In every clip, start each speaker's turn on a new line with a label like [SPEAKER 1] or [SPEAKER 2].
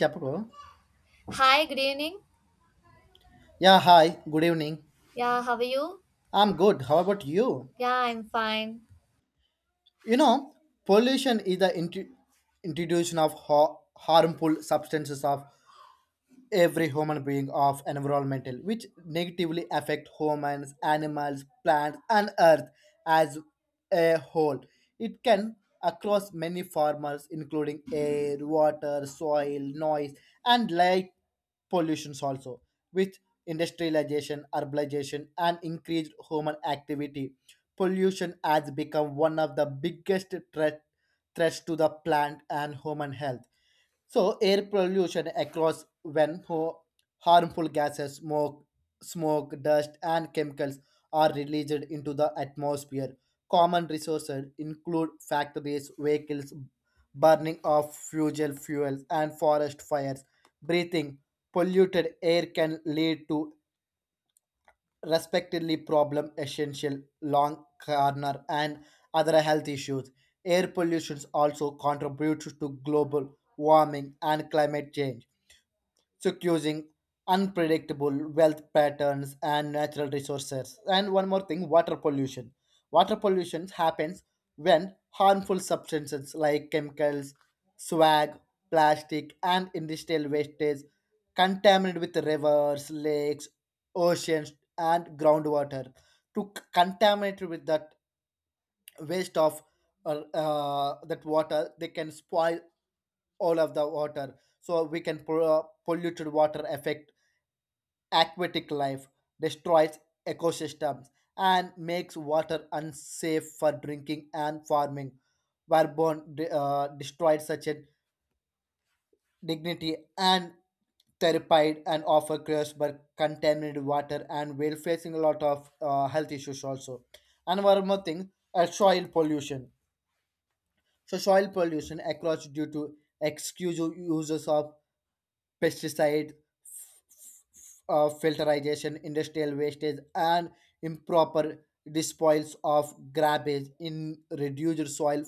[SPEAKER 1] Tapako.
[SPEAKER 2] Hi, good evening.
[SPEAKER 1] Yeah, hi, good evening.
[SPEAKER 2] Yeah, how are you?
[SPEAKER 1] I'm good. How about you?
[SPEAKER 2] Yeah, I'm fine.
[SPEAKER 1] You know, Pollution is the introduction of harmful substances of every human being of environmental, which negatively affect humans, animals, plants and earth as a whole. It can across many farmers including air, water, soil, noise and light pollutions also. With industrialization, urbanization and increased human activity, pollution has become one of the biggest threats to the plant and human health. So air pollution across when harmful gases, smoke, dust, and chemicals are released into the atmosphere. Common resources include factories, vehicles, burning of fossil fuels, and forest fires. Breathing polluted air can lead to respectively problem essential lung corner and other health issues. Air pollution also contributes to global warming and climate change, securing unpredictable wealth patterns and natural resources. And one more thing, water pollution. Water pollution happens when harmful substances like chemicals, swag, plastic, and industrial wastage contaminate with rivers, lakes, oceans, and groundwater. To contaminate with that waste of that water, they can spoil all of the water. So we can polluted water affect aquatic life, destroys ecosystems and makes water unsafe for drinking and farming, whereupon destroyed such a dignity and terrified and offer cures by contaminated water, and we're facing a lot of health issues also. And one more thing, soil pollution. So soil pollution across due to excessive uses of pesticide, filterization, industrial wastage, and improper disposals of garbage in reduced soil,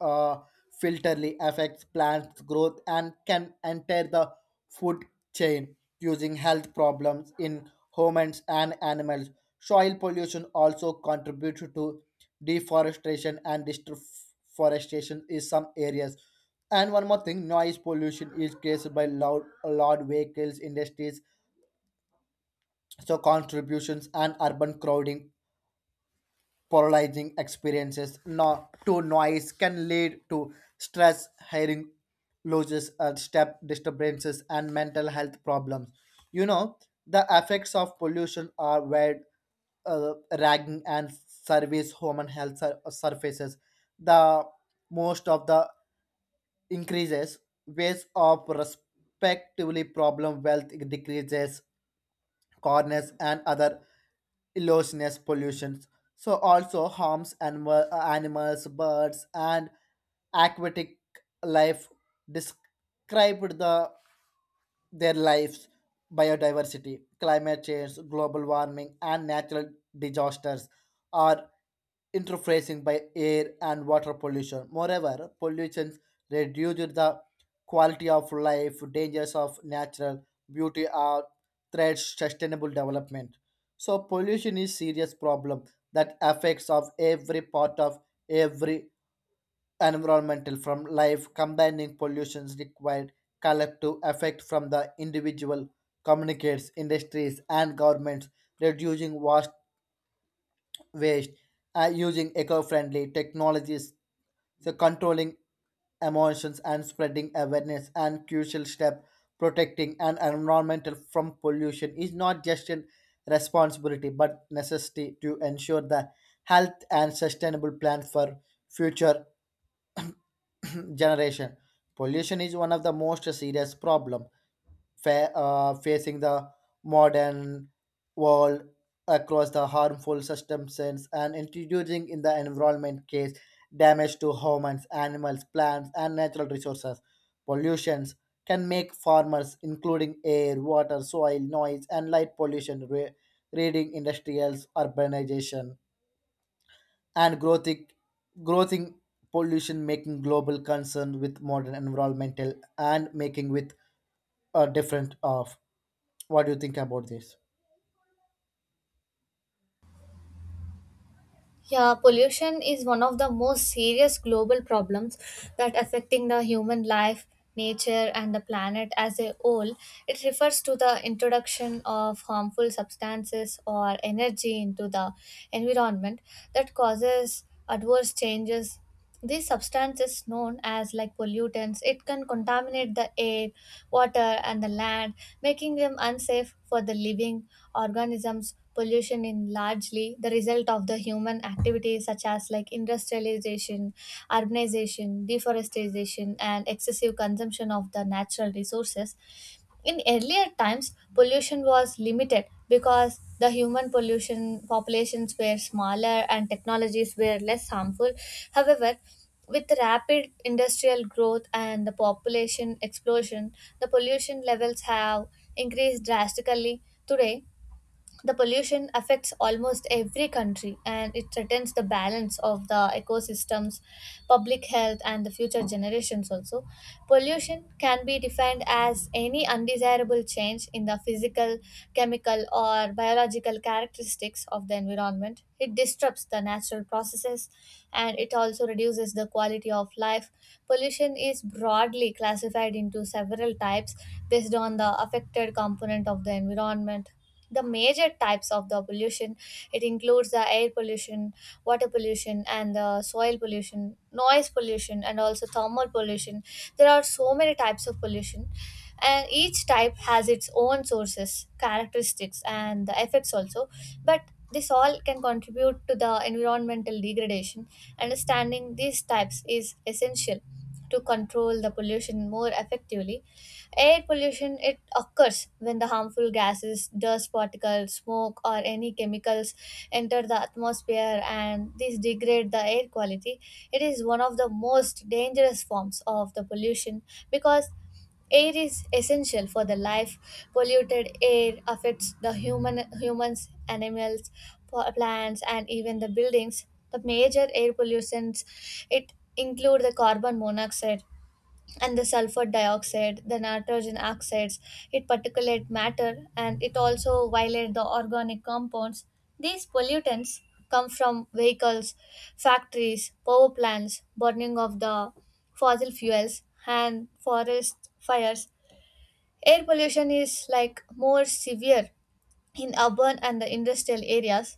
[SPEAKER 1] uh, filterly affects plants growth and can enter the food chain using health problems in humans and animals. Soil pollution also contributes to deforestation and deforestation in some areas. And one more thing, noise pollution is created by loud, loud vehicles, industries, so contributions and urban crowding polarizing experiences no, to noise can lead to stress, hearing losses, step disturbances, and mental health problems. You know, the effects of pollution are wide, ragging, and service human health surfaces. The most of the increases, ways of respectively problem wealth decreases corners and other illustrious pollutions. So also harms animals, birds, and aquatic life described the their lives, biodiversity, climate change, global warming, and natural disasters are interfacing by air and water pollution. Moreover, pollution reduces the quality of life, dangers of natural beauty are threats sustainable development. So pollution is serious problem that affects of every part of every environmental from life, combining pollutions required collective effect from the individual communicates industries and governments, reducing vast waste, using eco-friendly technologies, so controlling emotions and spreading awareness and crucial step protecting an environmental from pollution is not just a responsibility but necessity to ensure the health and sustainable plan for future generation. Pollution is one of the most serious problem facing the modern world, across the harmful substances and introducing in the environment case damage to humans, animals, plants, and natural resources. Pollutions can make farmers, including air, water, soil, noise, and light pollution, reading industrials, urbanization, and growing pollution making global concern with modern environmental and making with a different of what do you think about this?
[SPEAKER 2] Yeah, pollution is one of the most serious global problems that affecting the human life, nature and the planet as a whole. It refers to the introduction of harmful substances or energy into the environment that causes adverse changes. These substances, known as like pollutants, it can contaminate the air, water, and the land, making them unsafe for the living organisms. Pollution is largely the result of the human activities such as like industrialization, urbanization, deforestation, and excessive consumption of the natural resources. In earlier times, pollution was limited because the human pollution populations were smaller and technologies were less harmful. However, with rapid industrial growth and the population explosion, the pollution levels have increased drastically. Today, the pollution affects almost every country and it threatens the balance of the ecosystems, public health and the future generations also. Pollution can be defined as any undesirable change in the physical, chemical or biological characteristics of the environment. It disrupts the natural processes and it also reduces the quality of life. Pollution is broadly classified into several types based on the affected component of the environment. The major types of the pollution, it includes the air pollution, water pollution and the soil pollution, noise pollution and also thermal pollution. There are so many types of pollution, and each type has its own sources, characteristics and the effects also, but this all can contribute to the environmental degradation. Understanding these types is essential to control the pollution more effectively. Air pollution, it occurs when the harmful gases, dust particles, smoke or any chemicals enter the atmosphere and these degrade the air quality. It is one of the most dangerous forms of the pollution because air is essential for the life. Polluted air affects the human, humans, animals, plants and even the buildings. The major air pollutants, it include the carbon monoxide and the sulfur dioxide, the nitrogen oxides, it particulate matter, and it also violate the organic compounds. These pollutants come from vehicles, factories, power plants, burning of the fossil fuels, and forest fires. Air pollution is like more severe in urban and the industrial areas.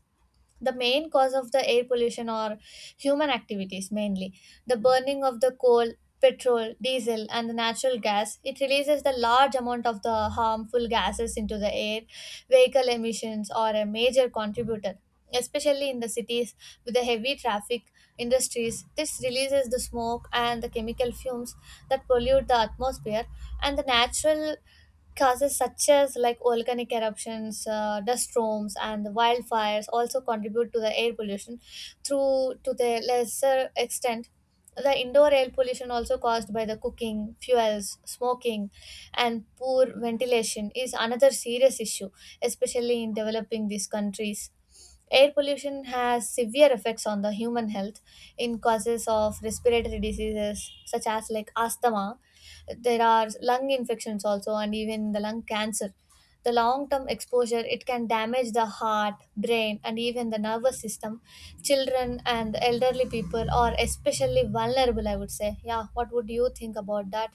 [SPEAKER 2] The main cause of the air pollution are human activities, mainly the burning of the coal, petrol, diesel and the natural gas. It releases the large amount of the harmful gases into the air. Vehicle emissions are a major contributor, especially in the cities with the heavy traffic. Industries, this releases the smoke and the chemical fumes that pollute the atmosphere, and the natural causes such as like volcanic eruptions, dust storms, and wildfires also contribute to the air pollution. Through to the lesser extent, the indoor air pollution also caused by the cooking, fuels, smoking, and poor ventilation is another serious issue, especially in developing these countries. Air pollution has severe effects on the human health in causes of respiratory diseases such as like asthma. There are lung infections also and even the lung cancer. The long term exposure, it can damage the heart, brain and even the nervous system. Children and elderly people are especially vulnerable, I would say. Yeah, what would you think about that?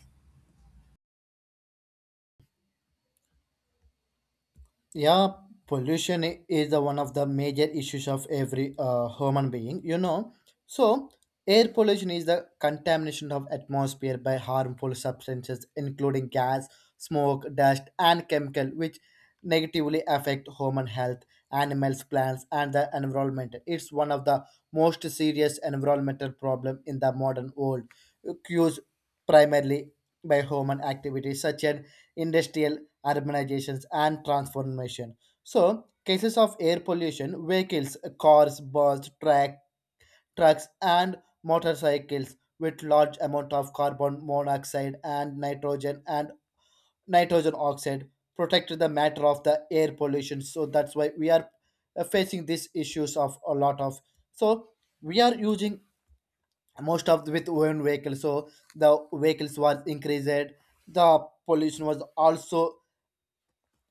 [SPEAKER 1] Yeah, pollution is the one of the major issues of every human being. So, air pollution is the contamination of atmosphere by harmful substances including gas, smoke, dust and chemical, which negatively affect human health, animals, plants and the environment. It's one of the most serious environmental problem in the modern world. Cues primarily by human activities such as industrial urbanizations and transformation. So, cases of air pollution, vehicles, cars, bus, track, trucks, and motorcycles with large amount of carbon monoxide and nitrogen oxide protect the matter of the air pollution. So that's why we are facing these issues of a lot of. So we are using most of the, with own vehicles, so the vehicles was increased, the pollution was also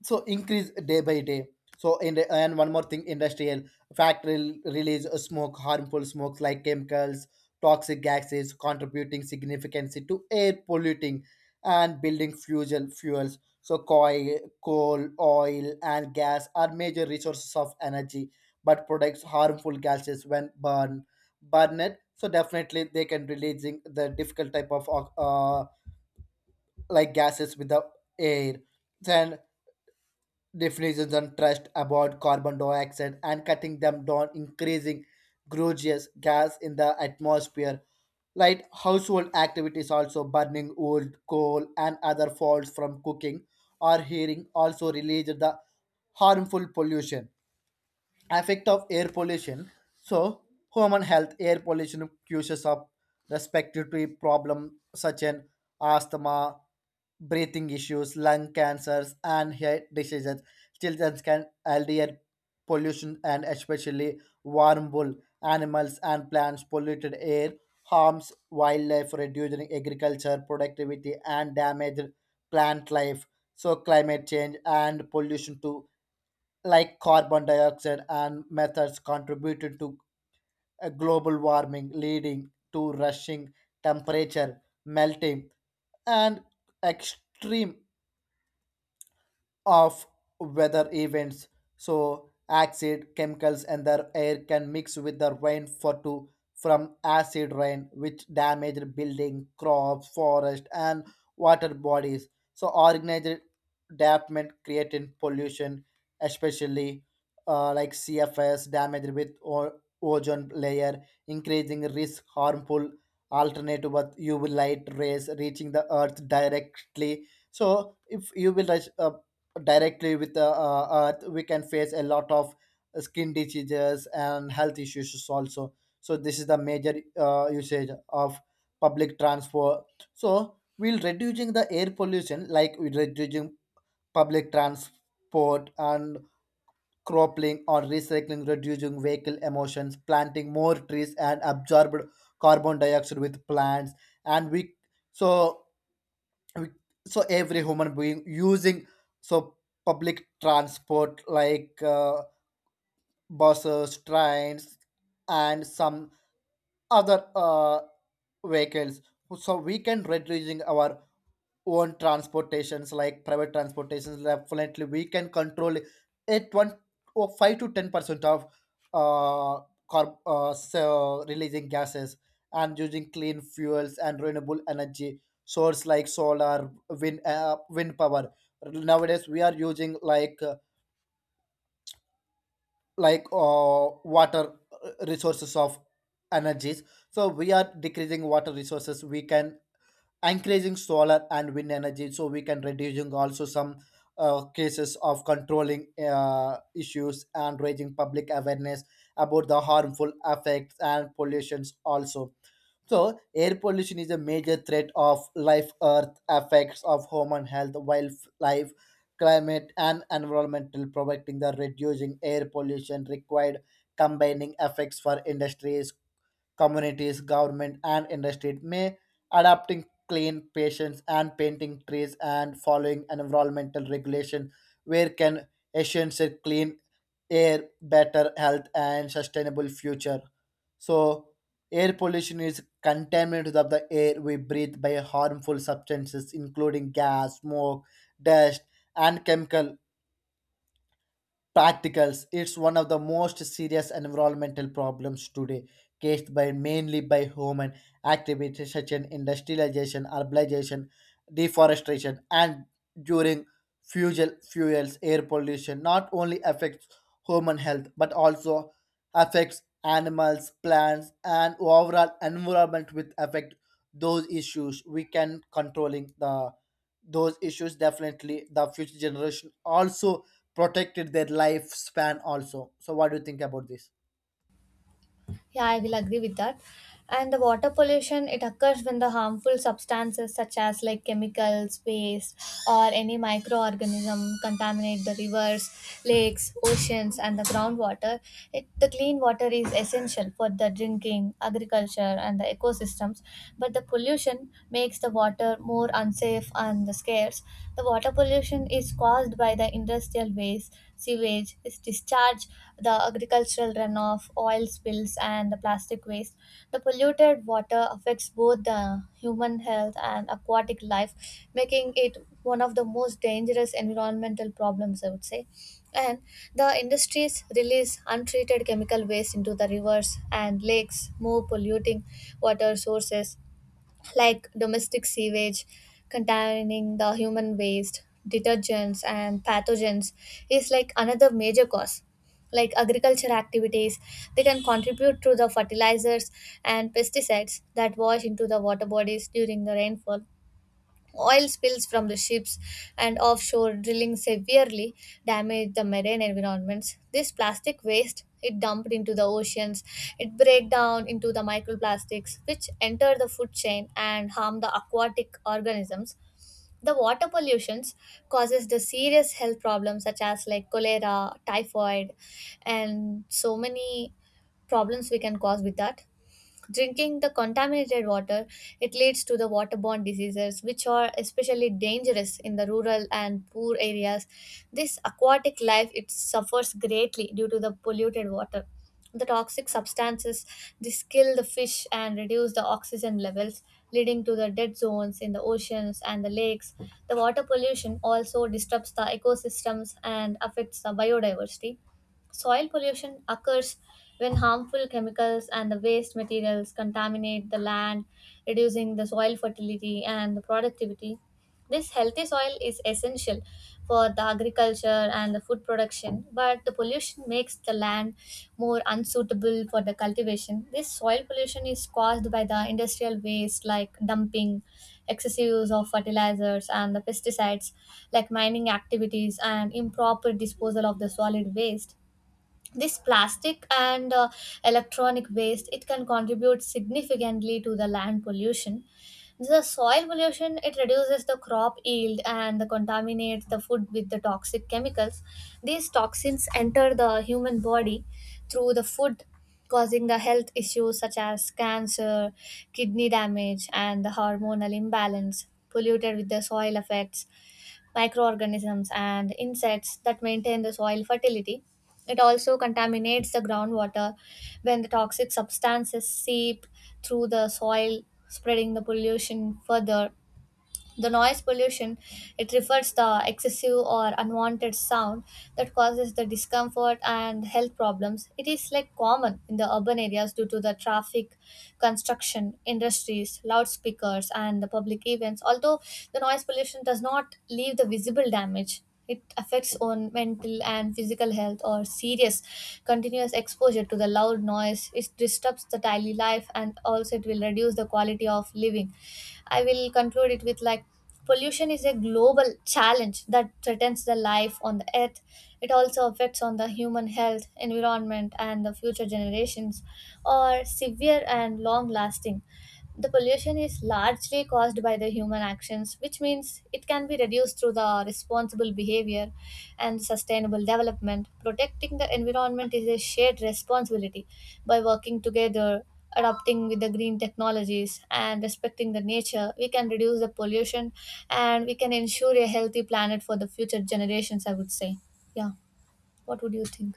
[SPEAKER 1] so increase day by day. So in the, and one more thing, industrial factory release of smoke harmful smokes like chemicals toxic gases contributing significantly to air polluting, and building fuels so coal oil and gas are major resources of energy, but products harmful gases when burned. So definitely they can releasing the difficult type of uh, like gases with the air, then definitions and trust about carbon dioxide and cutting them down, increasing greenhouse gas in the atmosphere. Light household activities also burning wood, coal, and other faults from cooking or heating also release the harmful pollution effect of air pollution. So human health air pollution causes of respiratory problem such as asthma, breathing issues, lung cancers and hair diseases. Children can LDR pollution and especially warm wool animals and plants. Polluted air harms wildlife, reducing agriculture productivity and damage plant life. So climate change and pollution too, like carbon dioxide and methods contributed to a global warming, leading to rushing temperature melting and extreme of weather events. So acid chemicals and the air can mix with the rain for to from acid rain which damaged building, crops, forest and water bodies. So organized development creating pollution, especially like cfs damaged with ozone layer, increasing risk harmful alternative with UV light rays reaching the earth directly. So if UV rays directly with the earth, we can face a lot of skin diseases and health issues also. So this is the major usage of public transport. So we'll reducing the air pollution, like we reducing public transport and cropling or recycling, reducing vehicle emissions, planting more trees and absorbed carbon dioxide with plants. And we so we- so every human being using so public transport like buses, trains and some other vehicles. So we can reducing our own transportations like private transportations. Definitely we can control it 1 or 5 to 10% of uh, so releasing gases, and using clean fuels and renewable energy source like solar, wind power. Nowadays we are using like water resources of energies. So we are decreasing water resources, we can encouraging solar and wind energy. So we can reducing also some cases of controlling issues and raising public awareness about the harmful effects and pollutions also. So air pollution is a major threat of life earth effects of human health, wildlife, climate and environmental protecting. The reducing air pollution required combining effects for industries, communities, government, and industry, may adopting clean patients and painting trees and following environmental regulation, where can ensure a clean air, better health, and sustainable future. So, air pollution is contaminant of the air we breathe by harmful substances, including gas, smoke, dust, and chemical Practicals. It's one of the most serious environmental problems today, caused by mainly by human activities such as industrialization, urbanization, deforestation, and during fuel fuels, air pollution. Not only affects human health but also affects animals, plants, and overall environment. With affect those issues, we can controlling the those issues, definitely the future generation also protected their lifespan also. So, what do you think about this?
[SPEAKER 2] Yeah, I will agree with that. And the water pollution, it occurs when the harmful substances such as like chemicals, waste, or any microorganism contaminate the rivers, lakes, oceans, and the groundwater. It, the clean water is essential for the drinking, agriculture, and the ecosystems. But the pollution makes the water more unsafe and the scarce. The water pollution is caused by the industrial waste, sewage is discharged, the agricultural runoff, oil spills, and the plastic waste. The polluted water affects both the human health and aquatic life, making it one of the most dangerous environmental problems, I would say. And the industries release untreated chemical waste into the rivers and lakes, more polluting water sources like domestic sewage containing the human waste, detergents, and pathogens is like another major cause. Like agriculture activities, they can contribute to the fertilizers and pesticides that wash into the water bodies during the rainfall. Oil spills from the ships and offshore drilling severely damage the marine environments. This plastic waste, it dumped into the oceans, it break down into the microplastics which enter the food chain and harm the aquatic organisms. The water pollution causes the serious health problems such as like cholera, typhoid, and so many problems we can cause with that. Drinking the contaminated water, it leads to the waterborne diseases, which are especially dangerous in the rural and poor areas. This aquatic life, it suffers greatly due to the polluted water. The toxic substances, this kill the fish and reduce the oxygen levels, leading to the dead zones in the oceans and the lakes. The water pollution also disrupts the ecosystems and affects the biodiversity. Soil pollution occurs when harmful chemicals and the waste materials contaminate the land, reducing the soil fertility and the productivity. This healthy soil is essential for the agriculture and the food production, but the pollution makes the land more unsuitable for the cultivation. This soil pollution is caused by the industrial waste like dumping, excessive use of fertilizers and the pesticides, like mining activities and improper disposal of the solid waste. This plastic and electronic waste, it can contribute significantly to the land pollution. The soil pollution, it reduces the crop yield and the contaminates the food with the toxic chemicals. These toxins enter the human body through the food, causing the health issues such as cancer, kidney damage and the hormonal imbalance. Polluted with the soil effects microorganisms, and insects that maintain the soil fertility. It also contaminates the groundwater when the toxic substances seep through the soil, spreading the pollution further. The noise pollution, it refers the excessive or unwanted sound that causes the discomfort and health problems. It is like common in the urban areas due to the traffic, construction, industries, loudspeakers and the public events. Although the noise pollution does not leave the visible damage, it affects on mental and physical health or serious continuous exposure to the loud noise. It disrupts the daily life and also it will reduce the quality of living. I will conclude it with like pollution is a global challenge that threatens the life on the earth. It also affects on the human health, environment and the future generations are severe and long lasting. The pollution is largely caused by the human actions, which means it can be reduced through the responsible behavior and sustainable development. Protecting the environment is a shared responsibility. By working together, adopting with the green technologies, and respecting the nature, we can reduce the pollution and we can ensure a healthy planet for the future generations, I would say. Yeah, what would you think?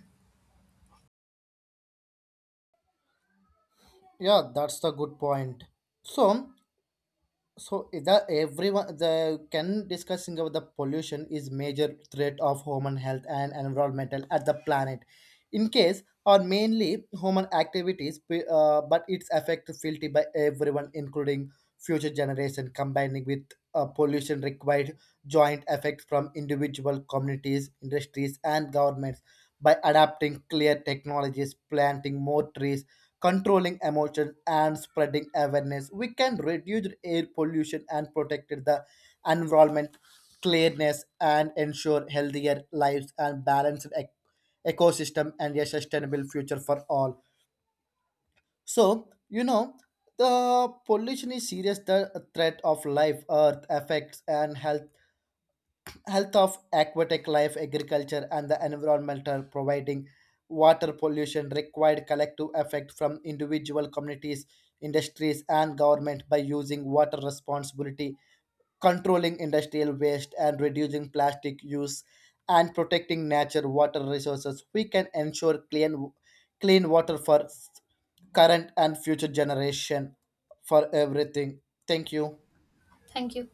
[SPEAKER 1] Yeah, that's the good point. So, So, the everyone the can discussing about the pollution is major threat of human health and environmental at the planet. In case or mainly human activities, but its effect felt by everyone, including future generation, combining with pollution required joint effect from individual communities, industries, and governments, by adapting clear technologies, planting more trees, controlling emotions and spreading awareness, we can reduce air pollution and protect the environment, cleanliness, and ensure healthier lives and balanced ecosystem and a sustainable future for all. So, the pollution is serious the threat of life, earth, effects, and health of aquatic life, agriculture, and the environmental providing water pollution required collective effect from individual communities, industries, and government, by using water responsibility, controlling industrial waste, and reducing plastic use, and protecting nature water resources. We can ensure clean water for current and future generation for everything. Thank you.
[SPEAKER 2] Thank you.